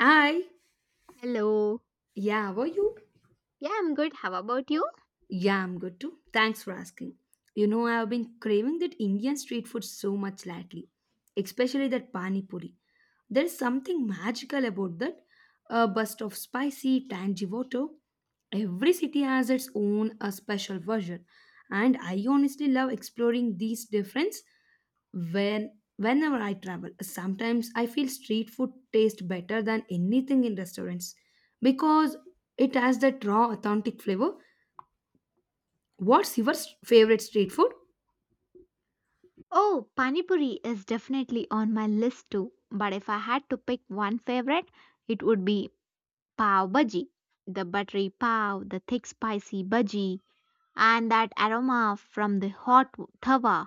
I. Hello. Yeah, how you? Yeah, I'm good. How about you? Yeah, I'm good too. Thanks for asking. You know, I have been craving that Indian street food so much lately, especially that pani puri. There is something magical about that. A burst of spicy, tangy water. Every city has its own a special version, and I honestly love exploring these difference whenever I travel. Sometimes I feel street food tastes better than anything in restaurants because it has that raw, authentic flavor. What's your favorite street food? Oh, Pani Puri is definitely on my list too. But if I had to pick one favorite, it would be Pav Bhaji. The buttery pav, the thick spicy bhaji, and that aroma from the hot tawa.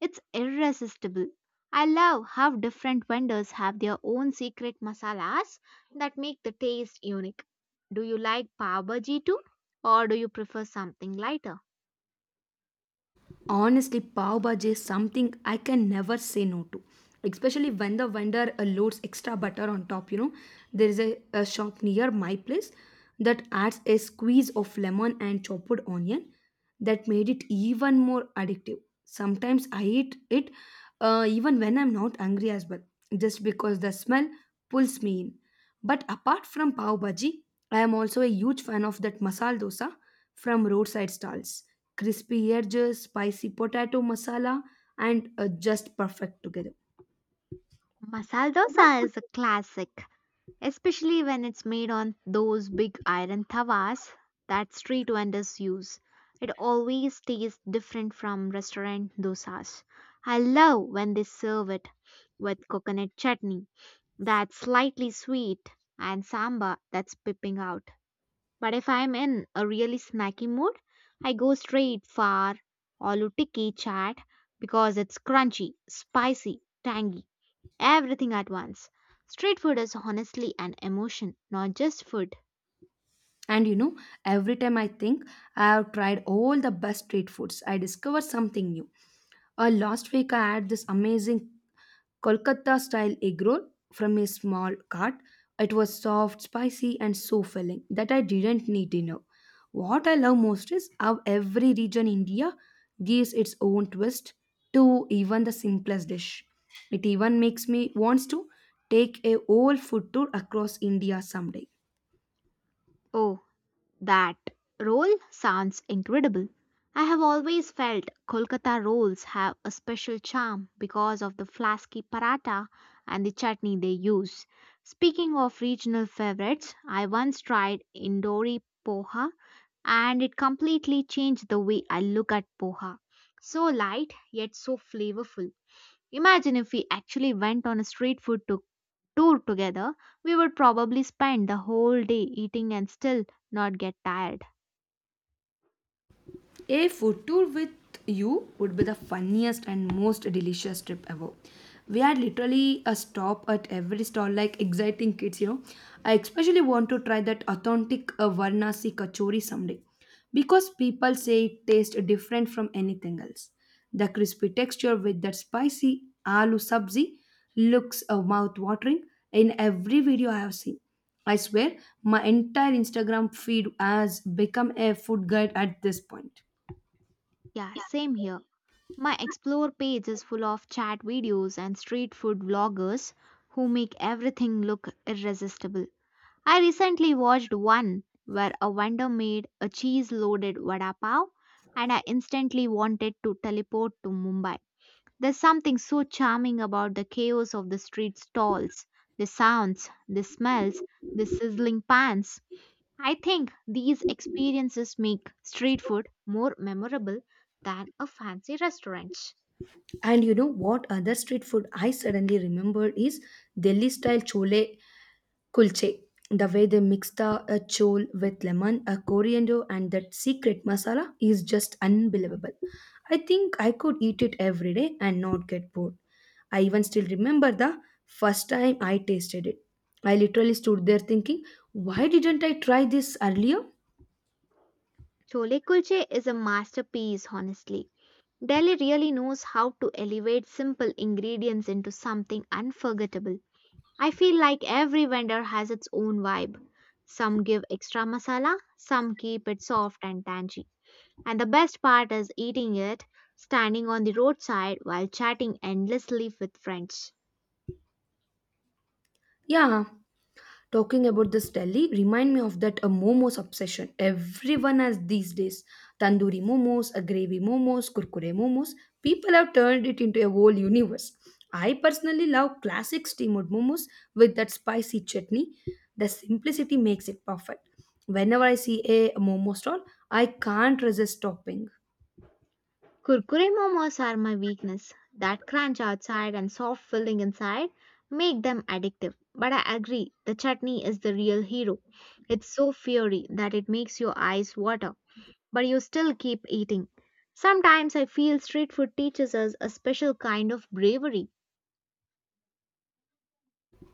It's irresistible. I love how different vendors have their own secret masalas that make the taste unique. Do you like Pav Bhaji too? Or do you prefer something lighter? Honestly, pav bhaji is something I can never say no to. Especially when the vendor loads extra butter on top, you know. There is a shop near my place that adds a squeeze of lemon and chopped onion that made it even more addictive. Sometimes I eat it even when I'm not hungry as well, just because the smell pulls me in. But apart from pav bhaji, I am also a huge fan of that masal dosa from roadside stalls, crispy edges, spicy potato masala, and just perfect together. Masala dosa is a classic, especially when it's made on those big iron tawas that street vendors use. It always tastes different from restaurant dosas. I love when they serve it with coconut chutney that's slightly sweet and sambar that's pipping out. But if I'm in a really snacky mood, I go straight for aloo tikki chaat because it's crunchy, spicy, tangy. Everything at once. Street food is honestly an emotion, not just food. And you know, every time I think I have tried all the best street foods, I discover something new. Last week I had this amazing Kolkata style egg roll from a small cart. It was soft, spicy, and so filling that I didn't need dinner. What I love most is how every region in India gives its own twist to even the simplest dish. It even makes me wants to take a whole food tour across India someday. Oh, that roll sounds incredible. I have always felt Kolkata rolls have a special charm because of the flasky paratha and the chutney they use. Speaking of regional favorites, I once tried Indori poha and it completely changed the way I look at poha. So light yet so flavorful. Imagine if we actually went on a street food tour together, we would probably spend the whole day eating and still not get tired. A food tour with you would be the funniest and most delicious trip ever. We had literally a stop at every stall like exciting kids, you know. I especially want to try that authentic Varanasi kachori someday because people say it tastes different from anything else. The crispy texture with that spicy aloo sabzi looks mouth-watering in every video I have seen. I swear, my entire Instagram feed has become a food guide at this point. Yeah, same here. My explore page is full of chat videos and street food vloggers who make everything look irresistible. I recently watched one where a vendor made a cheese loaded vada pav, and I instantly wanted to teleport to Mumbai. There's something so charming about the chaos of the street stalls, the sounds, the smells, the sizzling pans. I think these experiences make street food more memorable than a fancy restaurant. And you know what other street food I suddenly remembered is Delhi style chole kulche. The way they mix the chole with lemon, a coriander, and that secret masala is just unbelievable. I think I could eat it every day and not get bored. I even still remember the first time I tasted it. I literally stood there thinking, why didn't I try this earlier? Chole kulche is a masterpiece, honestly. Delhi really knows how to elevate simple ingredients into something unforgettable. I feel like every vendor has its own vibe. Some give extra masala, some keep it soft and tangy. And the best part is eating it standing on the roadside while chatting endlessly with friends. Yeah, talking about this Delhi remind me of that a momos obsession. Everyone has these days tandoori momos, a gravy momos, kurkure momos. People have turned it into a whole universe. I personally love classic steamed momos with that spicy chutney. The simplicity makes it perfect. Whenever I see a momo stall, I can't resist stopping. Kurkure momos are my weakness. That crunch outside and soft filling inside make them addictive. But I agree, the chutney is the real hero. It's so fiery that it makes your eyes water, but you still keep eating. Sometimes I feel street food teaches us a special kind of bravery.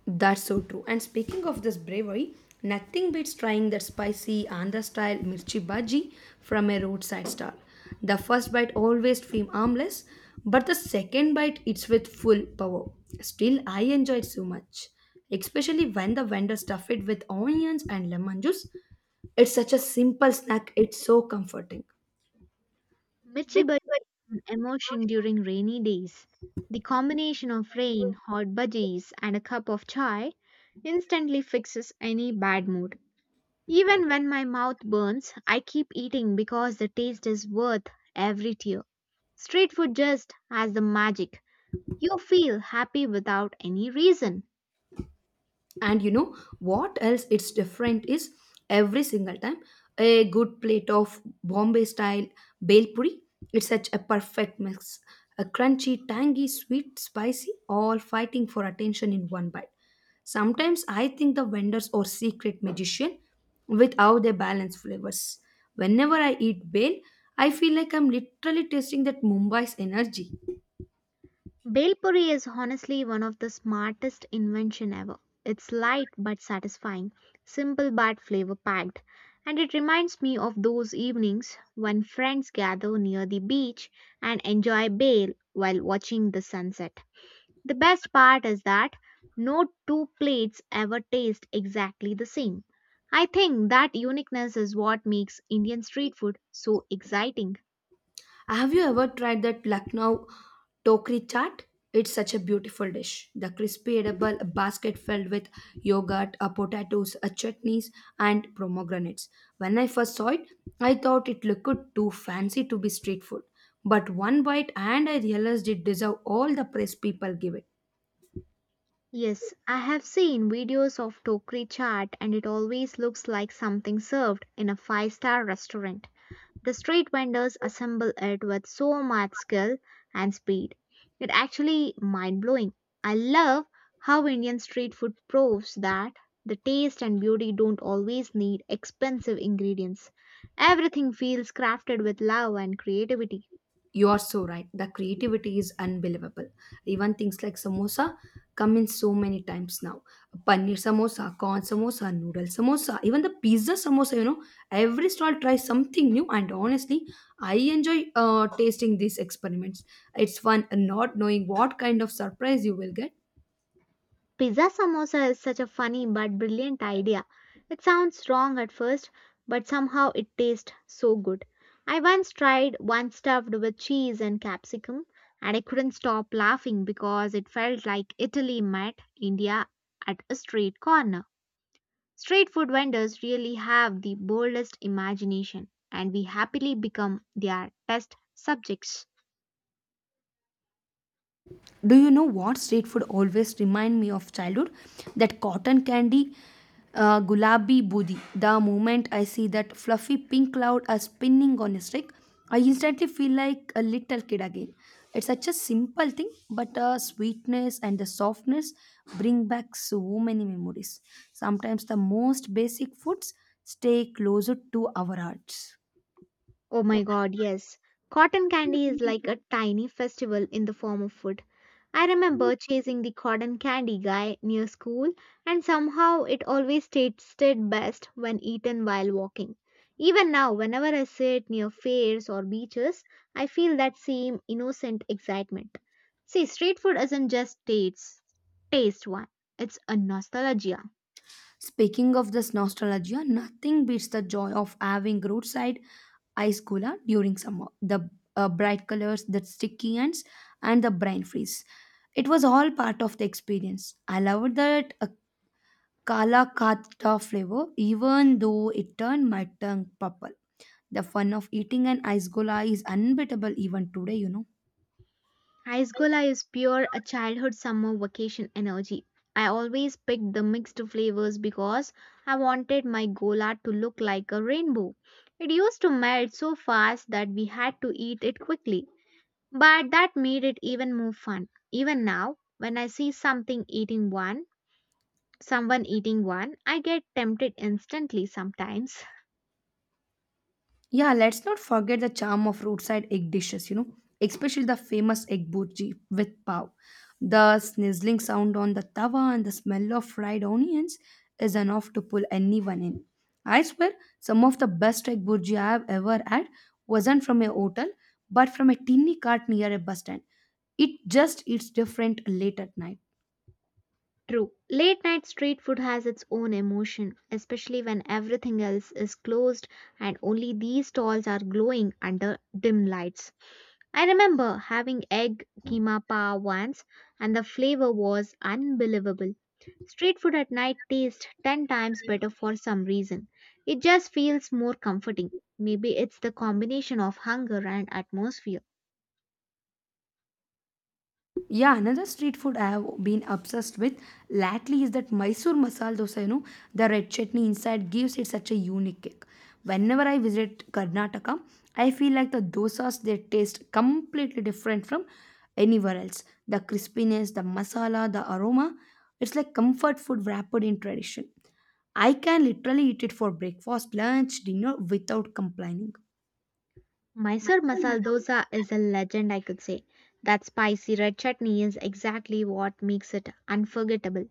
That's so true. And speaking of this bravery, nothing beats trying that spicy Andhra style mirchi bhaji from a roadside stall. The first bite always feels harmless, but the second bite it's with full power. Still, I enjoy it so much, especially when the vendor stuff it with onions and lemon juice. It's such a simple snack. It's so comforting. Michi an emotion during rainy days. The combination of rain, hot budgies, and a cup of chai instantly fixes any bad mood. Even when my mouth burns, I keep eating because the taste is worth every tear. Street food just has the magic. You feel happy without any reason. And you know what else it's different is every single time a good plate of Bombay style bel puri. It's such a perfect mix, a crunchy tangy sweet spicy all fighting for attention in one bite. Sometimes I think the vendors are secret magician with how they balance flavors. Whenever I eat bale, I feel like I'm literally tasting that Mumbai's energy. Bhelpuri is honestly one of the smartest invention ever. It's light but satisfying, simple but flavor packed, and it reminds me of those evenings when friends gather near the beach and enjoy bhel while watching the sunset. The best part is that no two plates ever taste exactly the same. I think that uniqueness is what makes Indian street food so exciting. Have you ever tried that Lucknow Tokri chaat? It's such a beautiful dish. The crispy edible basket filled with yogurt, potatoes, chutneys, and pomegranates. When I first saw it, I thought it looked too fancy to be street food. But one bite, and I realized it deserved all the praise people give it. Yes, I have seen videos of Tokri chaat and it always looks like something served in a five-star restaurant. The street vendors assemble it with so much skill and speed. It actually mind blowing. I love how Indian street food proves that the taste and beauty don't always need expensive ingredients. Everything feels crafted with love and creativity. You are so right. The creativity is unbelievable. Even things like samosa come in so many times now. Paneer samosa, corn samosa, noodle samosa, even the pizza samosa, you know, every stall tries something new. And honestly, I enjoy tasting these experiments. It's fun not knowing what kind of surprise you will get. Pizza samosa is such a funny but brilliant idea. It sounds wrong at first, but somehow it tastes so good. I once tried one stuffed with cheese and capsicum, and I couldn't stop laughing because it felt like Italy met India at a street corner. Street food vendors really have the boldest imagination, and we happily become their test subjects. Do you know what street food always remind me of childhood? That cotton candy, gulabi budi. The moment I see that fluffy pink cloud are spinning on a stick, I instantly feel like a little kid again. It's such a simple thing, but the sweetness and the softness bring back so many memories. Sometimes the most basic foods stay closer to our hearts. Oh my god, yes. Cotton candy is like a tiny festival in the form of food. I remember chasing the cotton candy guy near school, and somehow it always tasted best when eaten while walking. Even now, whenever I sit near fairs or beaches, I feel that same innocent excitement. See, street food isn't just taste, it's a nostalgia. Speaking of this nostalgia, nothing beats the joy of having roadside ice cola during summer. The bright colors, the sticky ends, and the brain freeze. It was all part of the experience. I loved that Kala katta flavor, even though it turned my tongue purple. The fun of eating an ice cola is unbeatable even today, you know. Ice-gola is pure a childhood summer vacation energy. I always picked the mixed flavors because I wanted my gola to look like a rainbow. It used to melt so fast that we had to eat it quickly, but that made it even more fun. Even now, when I see someone eating one, I get tempted instantly sometimes. Yeah, let's not forget the charm of roadside egg dishes, you know, especially the famous egg burji with pav. The snizzling sound on the tawa and the smell of fried onions is enough to pull anyone in. I swear, some of the best egg burji I have ever had wasn't from a hotel, but from a tinny cart near a bus stand. It just eats different late at night. True. Late night street food has its own emotion, especially when everything else is closed and only these stalls are glowing under dim lights. I remember having egg keema pa once and the flavor was unbelievable. Street food at night tastes 10 times better for some reason. It just feels more comforting. Maybe it's the combination of hunger and atmosphere. Yeah, another street food I have been obsessed with lately is that Mysore masala dosa. You know, the red chutney inside gives it such a unique kick. Whenever I visit Karnataka, I feel like the dosas they taste completely different from anywhere else. The crispiness, the masala, the aroma, it's like comfort food wrapped in tradition. I can literally eat it for breakfast, lunch, dinner without complaining. Mysore masala dosa is a legend, I could say. That spicy red chutney is exactly what makes it unforgettable.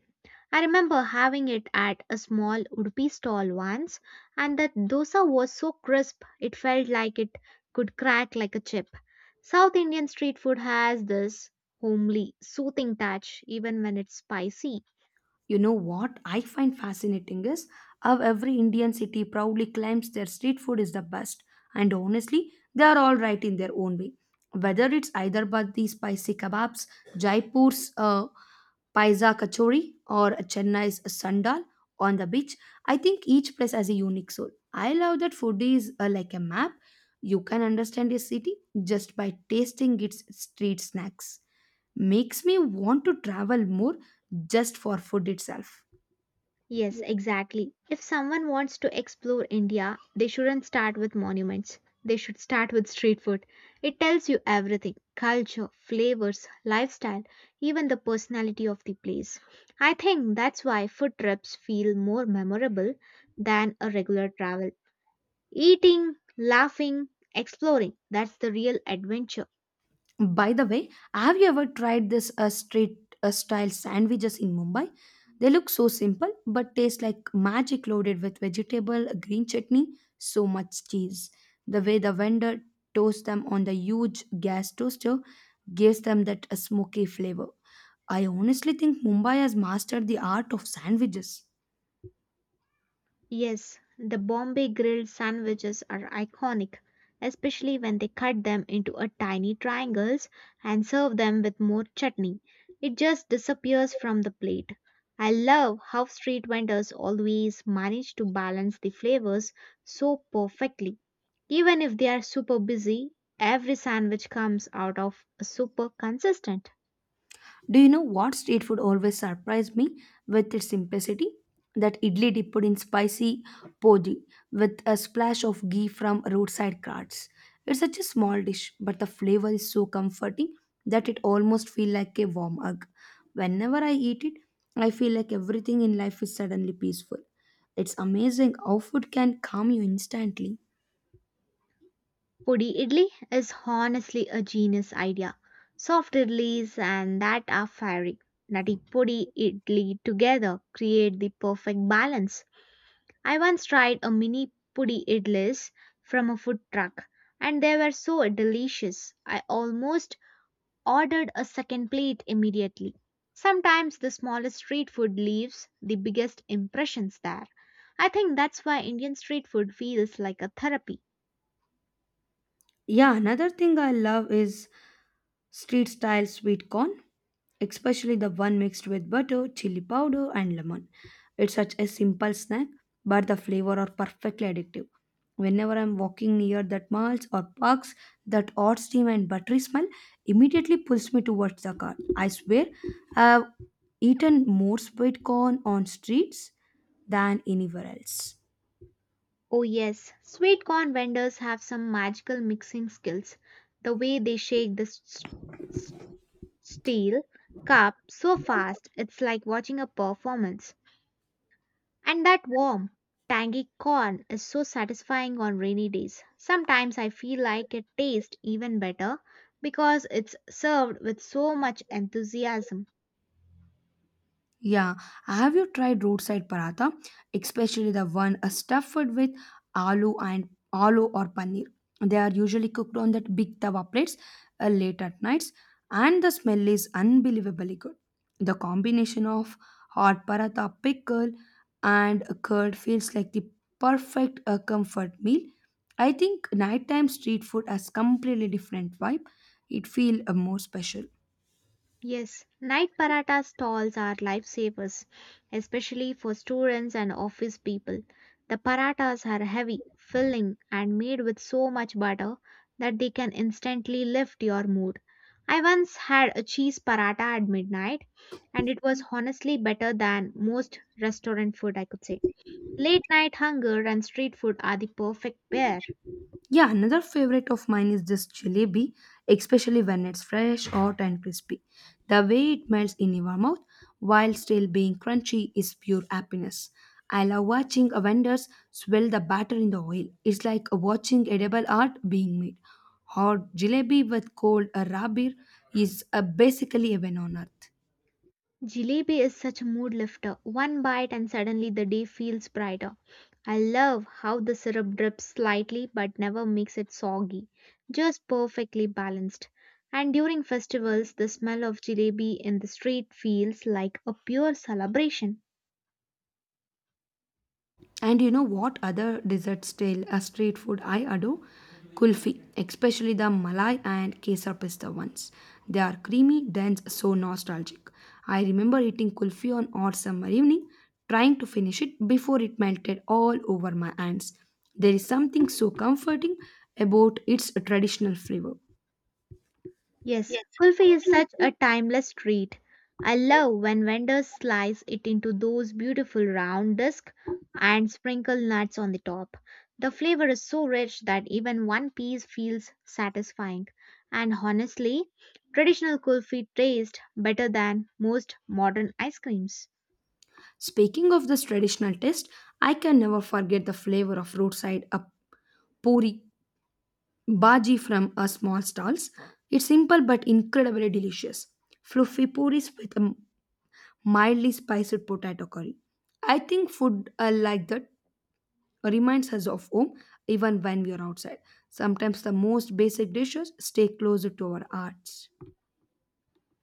I remember having it at a small Udupi stall once, and the dosa was so crisp it felt like it could crack like a chip. South Indian street food has this homely, soothing touch even when it's spicy. You know what I find fascinating is how every Indian city proudly claims their street food is the best, and honestly, they are all right in their own way. Whether it's Hyderabad's spicy kebabs, Jaipur's paisa kachori, or Chennai's sandal on the beach, I think each place has a unique soul. I love that food is like a map. You can understand a city just by tasting its street snacks. Makes me want to travel more just for food itself. Yes, exactly. If someone wants to explore India, they shouldn't start with monuments. They should start with street food. It tells you everything culture, flavors, lifestyle, even the personality of the place. I think that's why food trips feel more memorable than a regular travel. Eating, laughing, exploring that's the real adventure. By the way, have you ever tried this street style sandwiches in Mumbai? They look so simple but taste like magic, loaded with vegetable, green chutney, so much cheese. The way the vendor toasts them on the huge gas toaster gives them that smoky flavor. I honestly think Mumbai has mastered the art of sandwiches. Yes, the Bombay grilled sandwiches are iconic, especially when they cut them into a tiny triangles and serve them with more chutney. It just disappears from the plate. I love how street vendors always manage to balance the flavors so perfectly. Even if they are super busy, every sandwich comes out of super consistent. Do you know what street food always surprised me with its simplicity? That idli dipped in spicy poji with a splash of ghee from roadside carts. It's such a small dish, but the flavor is so comforting that it almost feels like a warm hug. Whenever I eat it, I feel like everything in life is suddenly peaceful. It's amazing how food can calm you instantly. Pudi idli is honestly a genius idea. Soft idlis and that are fiery. Nutty pudi idli together create the perfect balance. I once tried a mini pudi idlis from a food truck and they were so delicious. I almost ordered a second plate immediately. Sometimes the smallest street food leaves the biggest impressions there. I think that's why Indian street food feels like a therapy. Yeah, another thing I love is street style sweet corn, especially the one mixed with butter, chili powder, and lemon. It's such a simple snack, but the flavor are perfectly addictive. Whenever I'm walking near that malls or parks, that odd steam and buttery smell immediately pulls me towards the car. I swear, I've eaten more sweet corn on streets than anywhere else. Oh, yes, sweet corn vendors have some magical mixing skills. The way they shake the s- steel cup so fast, it's like watching a performance. And that warm, tangy corn is so satisfying on rainy days. Sometimes I feel like it tastes even better because it's served with so much enthusiasm. Yeah, have you tried roadside paratha, especially the one stuffed with aloo and aloo or paneer? They are usually cooked on that big tawa plates late at nights, and the smell is unbelievably good. The combination of hot paratha pickle and a curd feels like the perfect comfort meal. I think nighttime street food has completely different vibe. It feels more special. Yes, night paratha stalls are lifesavers, especially for students and office people. The parathas are heavy, filling, and made with so much butter that they can instantly lift your mood. I once had a cheese paratha at midnight, and it was honestly better than most restaurant food, I could say. Late night hunger and street food are the perfect pair. Yeah, another favorite of mine is this jalebi, especially when it's fresh, hot, and crispy. The way it melts in your mouth while still being crunchy is pure happiness. I love watching vendors swirl the batter in the oil. It's like watching edible art being made. Hot jalebi with cold raw beer is basically heaven on earth. Jalebi is such a mood lifter. One bite and suddenly the day feels brighter. I love how the syrup drips slightly but never makes it soggy, just perfectly balanced. And during festivals, the smell of jalebi in the street feels like a pure celebration. And you know what other dessert style street food I adore? Kulfi, especially the Malai and Kesar Pista ones. They are creamy, dense, so nostalgic. I remember eating kulfi on hot summer evening, trying to finish it before it melted all over my hands. There is something so comforting about its traditional flavor. Yes, kulfi is such a timeless treat. I love when vendors slice it into those beautiful round discs and sprinkle nuts on the top. The flavor is so rich that even one piece feels satisfying. And honestly, traditional kulfi tastes better than most modern ice creams. Speaking of this traditional taste, I can never forget the flavor of roadside puri bhaji from a small stalls. It's simple but incredibly delicious. Fluffy puris with a mildly spiced potato curry. I think food like that reminds us of home even when we are outside. Sometimes the most basic dishes stay closer to our hearts.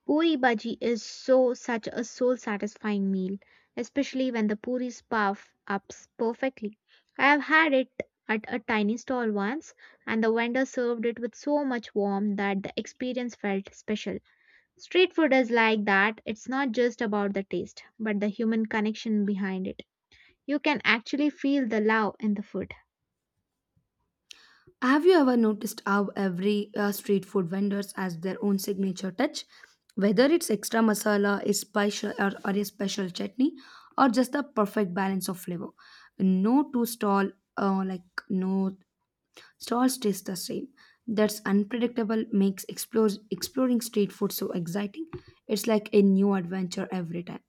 Puri bhaji is so such a soul satisfying meal, especially when the puris puff up perfectly. I have had it at a tiny stall once, and the vendor served it with so much warmth that the experience felt special. Street food is like that, it's not just about the taste, but the human connection behind it. You can actually feel the love in the food. Have you ever noticed how every street food vendors has their own signature touch? Whether it's extra masala, or a special chutney, or just the perfect balance of flavor. No two stall, uh, like no stalls taste the same. That's unpredictable makes exploring street food so exciting. It's like a new adventure every time.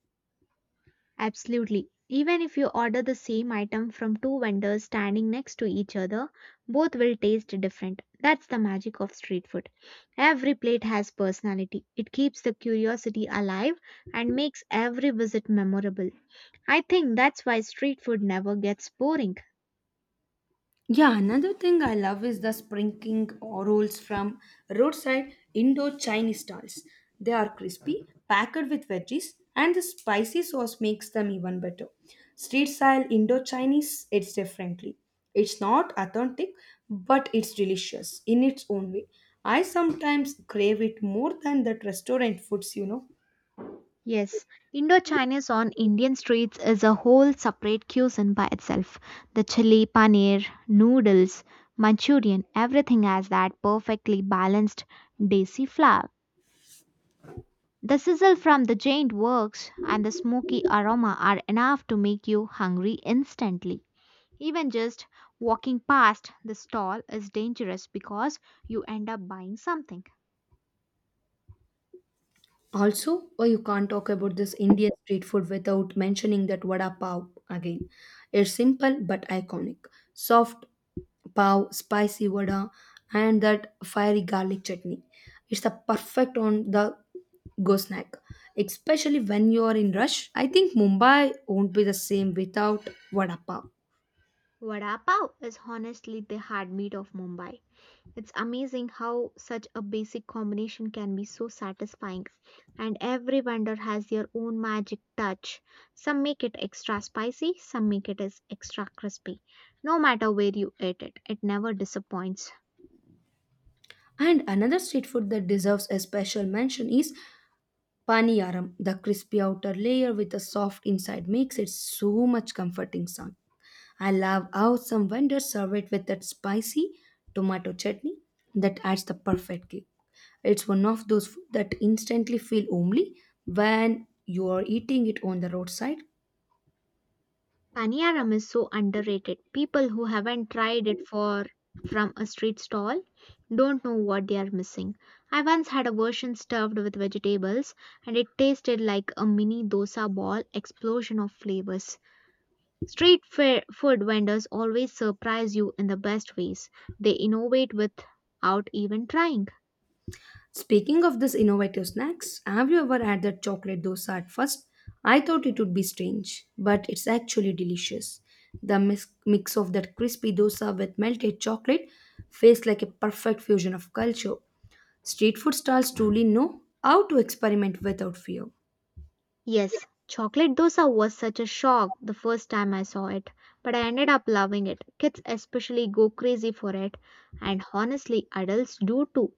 Absolutely. Even if you order the same item from two vendors standing next to each other, both will taste different. That's the magic of street food. Every plate has personality. It keeps the curiosity alive and makes every visit memorable. I think that's why street food never gets boring. Yeah, another thing I love is the sprinkling or rolls from roadside Indo Chinese stalls. They are crispy, packed with veggies, and the spicy sauce makes them even better. Street style Indo Chinese, it's differently. It's not authentic, but it's delicious in its own way. I sometimes crave it more than that restaurant foods, you know. Yes, Indochina's on Indian streets is a whole separate cuisine by itself. The chili, paneer, noodles, Manchurian, everything has that perfectly balanced desi flavor. The sizzle from the giant works and the smoky aroma are enough to make you hungry instantly. Even just walking past the stall is dangerous because you end up buying something. Also, oh, you can't talk about this Indian street food without mentioning that vada pav again. It's simple but iconic. Soft pav, spicy vada, and that fiery garlic chutney. It's the perfect on the go snack, especially when you are in rush. I think Mumbai won't be the same without vada pav. Vada pav is honestly the heartbeat of Mumbai. It's amazing how such a basic combination can be so satisfying, and every vendor has their own magic touch. Some make it extra spicy, some make it as extra crispy. No matter where you eat it, it never disappoints. And another street food that deserves a special mention is Paniyaram. The crispy outer layer with a soft inside makes it so much comforting sound. I love how some vendors serve it with that spicy tomato chutney that adds the perfect kick. It's one of those food that instantly feel homely when you are eating it on the roadside. Paniyaram is so underrated. People who haven't tried it for from a street stall don't know what they are missing. I once had a version stuffed with vegetables and it tasted like a mini dosa ball explosion of flavors. Food vendors always surprise you in the best ways. They innovate without even trying. Speaking of this innovative snacks, have you ever had that chocolate dosa at first? I thought it would be strange, but it's actually delicious. The mix of that crispy dosa with melted chocolate feels like a perfect fusion of culture. Street food stalls truly know how to experiment without fear. Yes, chocolate dosa was such a shock the first time I saw it, but I ended up loving it. Kids especially go crazy for it, and honestly, adults do too.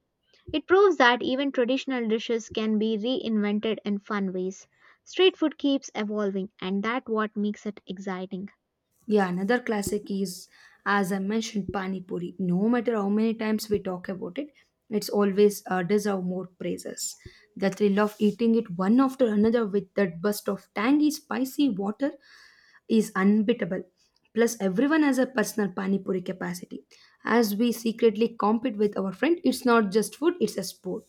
It proves that even traditional dishes can be reinvented in fun ways. Street food keeps evolving, and that's what makes it exciting. Yeah, another classic is, as I mentioned, Pani Puri. No matter how many times we talk about it, it's always deserve more praises. The thrill of eating it one after another with that burst of tangy, spicy water is unbeatable. Plus, everyone has a personal Pani Puri capacity. As we secretly compete with our friend, it's not just food, it's a sport.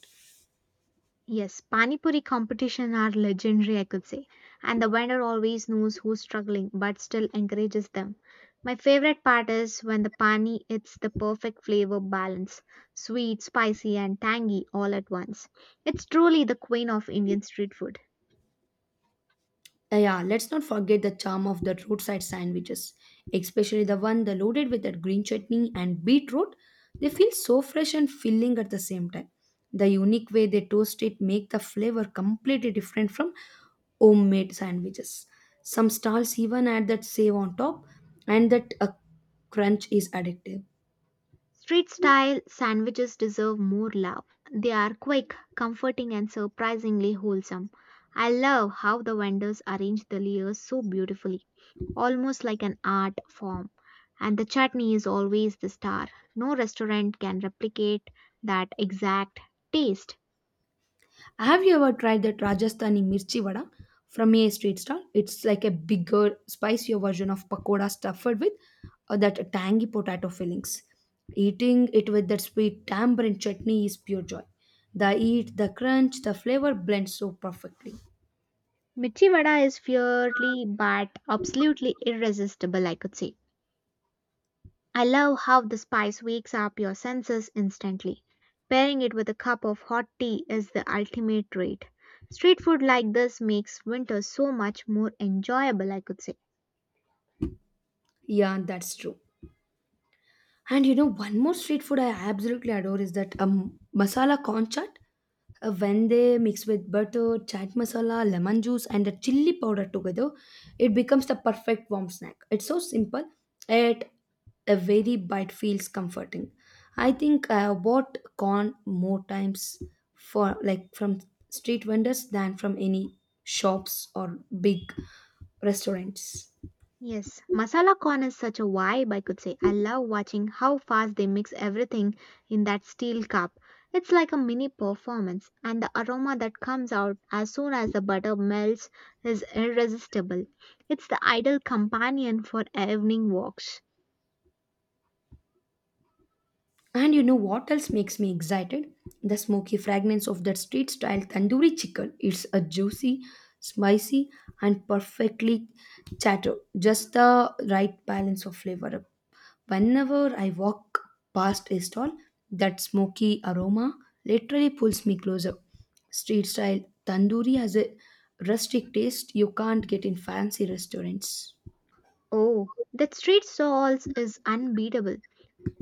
Yes, Pani Puri competition are legendary, I could say. And the vendor always knows who's struggling but still encourages them. My favorite part is when the pani hits the perfect flavor balance, sweet, spicy and tangy all at once. It's truly the queen of Indian street food. Yeah, let's not forget the charm of the roadside sandwiches, especially the one that loaded with that green chutney and beetroot. They feel so fresh and filling at the same time. The unique way they toast it make the flavor completely different from homemade sandwiches. Some stalls even add that save on top, and that a crunch is addictive. Street style sandwiches deserve more love. They are quick, comforting, and surprisingly wholesome. I love how the vendors arrange the layers so beautifully, almost like an art form. And the chutney is always the star. No restaurant can replicate that exact taste. Have you ever tried that Rajasthani mirchi vada from a street stall? It's like a bigger, spicier version of pakoda stuffed with that tangy potato fillings. Eating it with that sweet tamarind chutney is pure joy. The heat, the crunch, the flavor blends so perfectly. Mirchi vada is fiercely but absolutely irresistible, I could say. I love how the spice wakes up your senses instantly. Pairing it with a cup of hot tea is the ultimate treat. Street food like this makes winter so much more enjoyable, I could say. Yeah, that's true. And you know, one more street food I absolutely adore is that masala corn chaat. When they mix with butter, chaat masala, lemon juice, and the chili powder together, it becomes the perfect warm snack. It's so simple, yet a very bite feels comforting. I think I have bought corn more times for like from street vendors than from any shops or big restaurants. Yes, masala corn is such a vibe, I could say. I love watching how fast they mix everything in that steel cup. It's like a mini performance, and the aroma that comes out as soon as the butter melts is irresistible. It's the ideal companion for evening walks. And you know what else makes me excited? The smoky fragrance of that street style tandoori chicken. It's a juicy, spicy, and perfectly chatter. Just the right balance of flavor. Whenever I walk past a stall, that smoky aroma literally pulls me closer. Street style tandoori has a rustic taste you can't get in fancy restaurants. Oh, that street salt is unbeatable.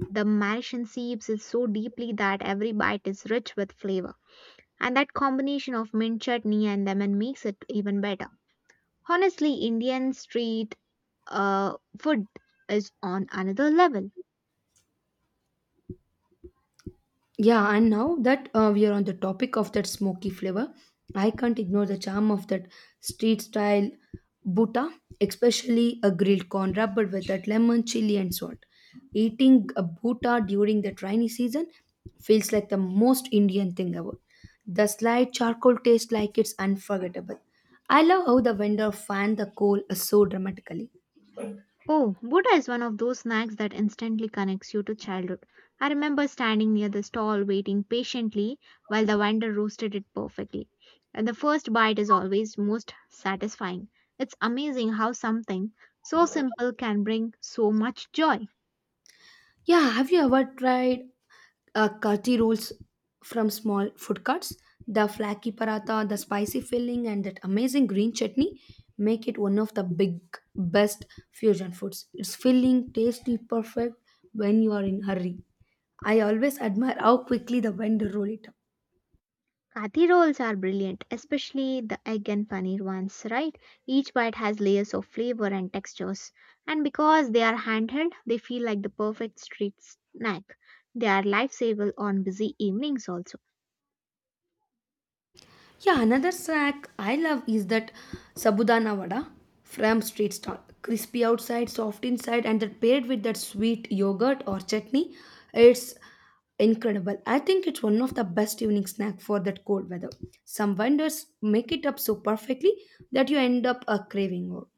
The Mauritian seeps it so deeply that every bite is rich with flavor. And that combination of mint chutney and lemon makes it even better. Honestly, Indian street food is on another level. Yeah, and now that we are on the topic of that smoky flavor, I can't ignore the charm of that street style buta, especially a grilled corn wrapper with that lemon, chili, and salt. Eating a buta during the rainy season feels like the most Indian thing ever. The slight charcoal taste like it's unforgettable. I love how the vendor fanned the coal so dramatically. Oh, Buddha is one of those snacks that instantly connects you to childhood. I remember standing near the stall waiting patiently while the vendor roasted it perfectly. And the first bite is always most satisfying. It's amazing how something so simple can bring so much joy. Yeah, have you ever tried curry rolls from small food carts? The flaky paratha, the spicy filling, and that amazing green chutney make it one of the big best fusion foods. It's filling, tasty, perfect when you are in hurry. I always admire how quickly the vendor roll it up. Kathi rolls are brilliant, especially the egg and paneer ones, right? Each bite has layers of flavor and textures, and because they are handheld, they feel like the perfect street snack. They are lifesaver on busy evenings also. Yeah, another snack I love is that sabudana vada from street stall. Crispy outside, soft inside, and that paired with that sweet yogurt or chutney, it's incredible. I think it's one of the best evening snack for that cold weather. Some vendors make it up so perfectly that you end up craving more.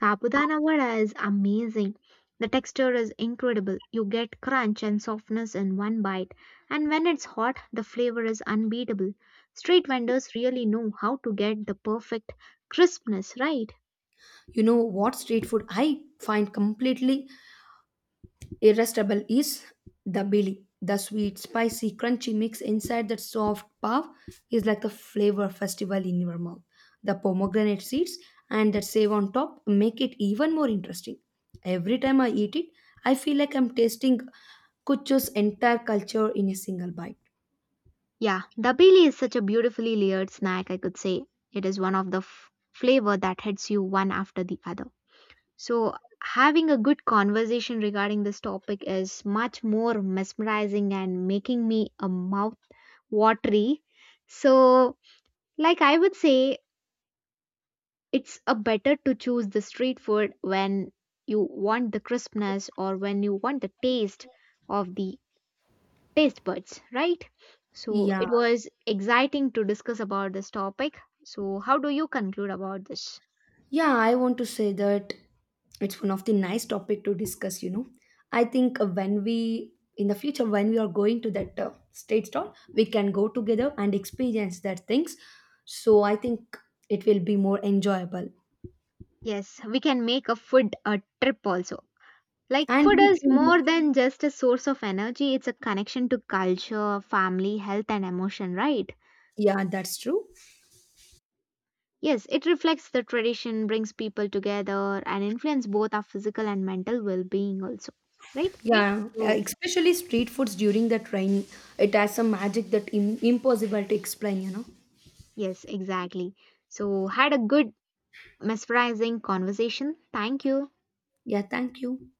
Sabudana vada is amazing. The texture is incredible. You get crunch and softness in one bite, and when it's hot, the flavor is unbeatable. Street vendors really know how to get the perfect crispness, right? You know what street food I find completely irresistible is the Billy. The sweet, spicy, crunchy mix inside that soft puff is like a flavor festival in your mouth. The pomegranate seeds and that save on top make it even more interesting. Every time I eat it, I feel like I'm tasting Kucho's entire culture in a single bite. Yeah, dabeli is such a beautifully layered snack, I could say. It is one of the flavor that hits you one after the other. So, having a good conversation regarding this topic is much more mesmerizing and making me a mouth watery. So, like I would say, it's a better to choose the street food when you want the crispness or when you want the taste of the taste buds, right? So Yeah. it was exciting to discuss about this topic. So, how do you conclude about this? Yeah, I want to say that it's one of the nice topic to discuss, you know. I think when we in the future when we are going to that state stall, we can go together and experience that things. So I think it will be more enjoyable. Yes, we can make a food a trip also. Like, And food we is can, more than just a source of energy, it's a connection to culture, family, health, and emotion, right? yeah, that's true. Yes, it reflects the tradition, brings people together, and influence both our physical and mental well being, also, right? Yeah, So, especially street foods during the rain, it has some magic that impossible to explain, you know. yes, exactly. So, had a good, mesmerizing conversation. Thank you. Yeah, thank you.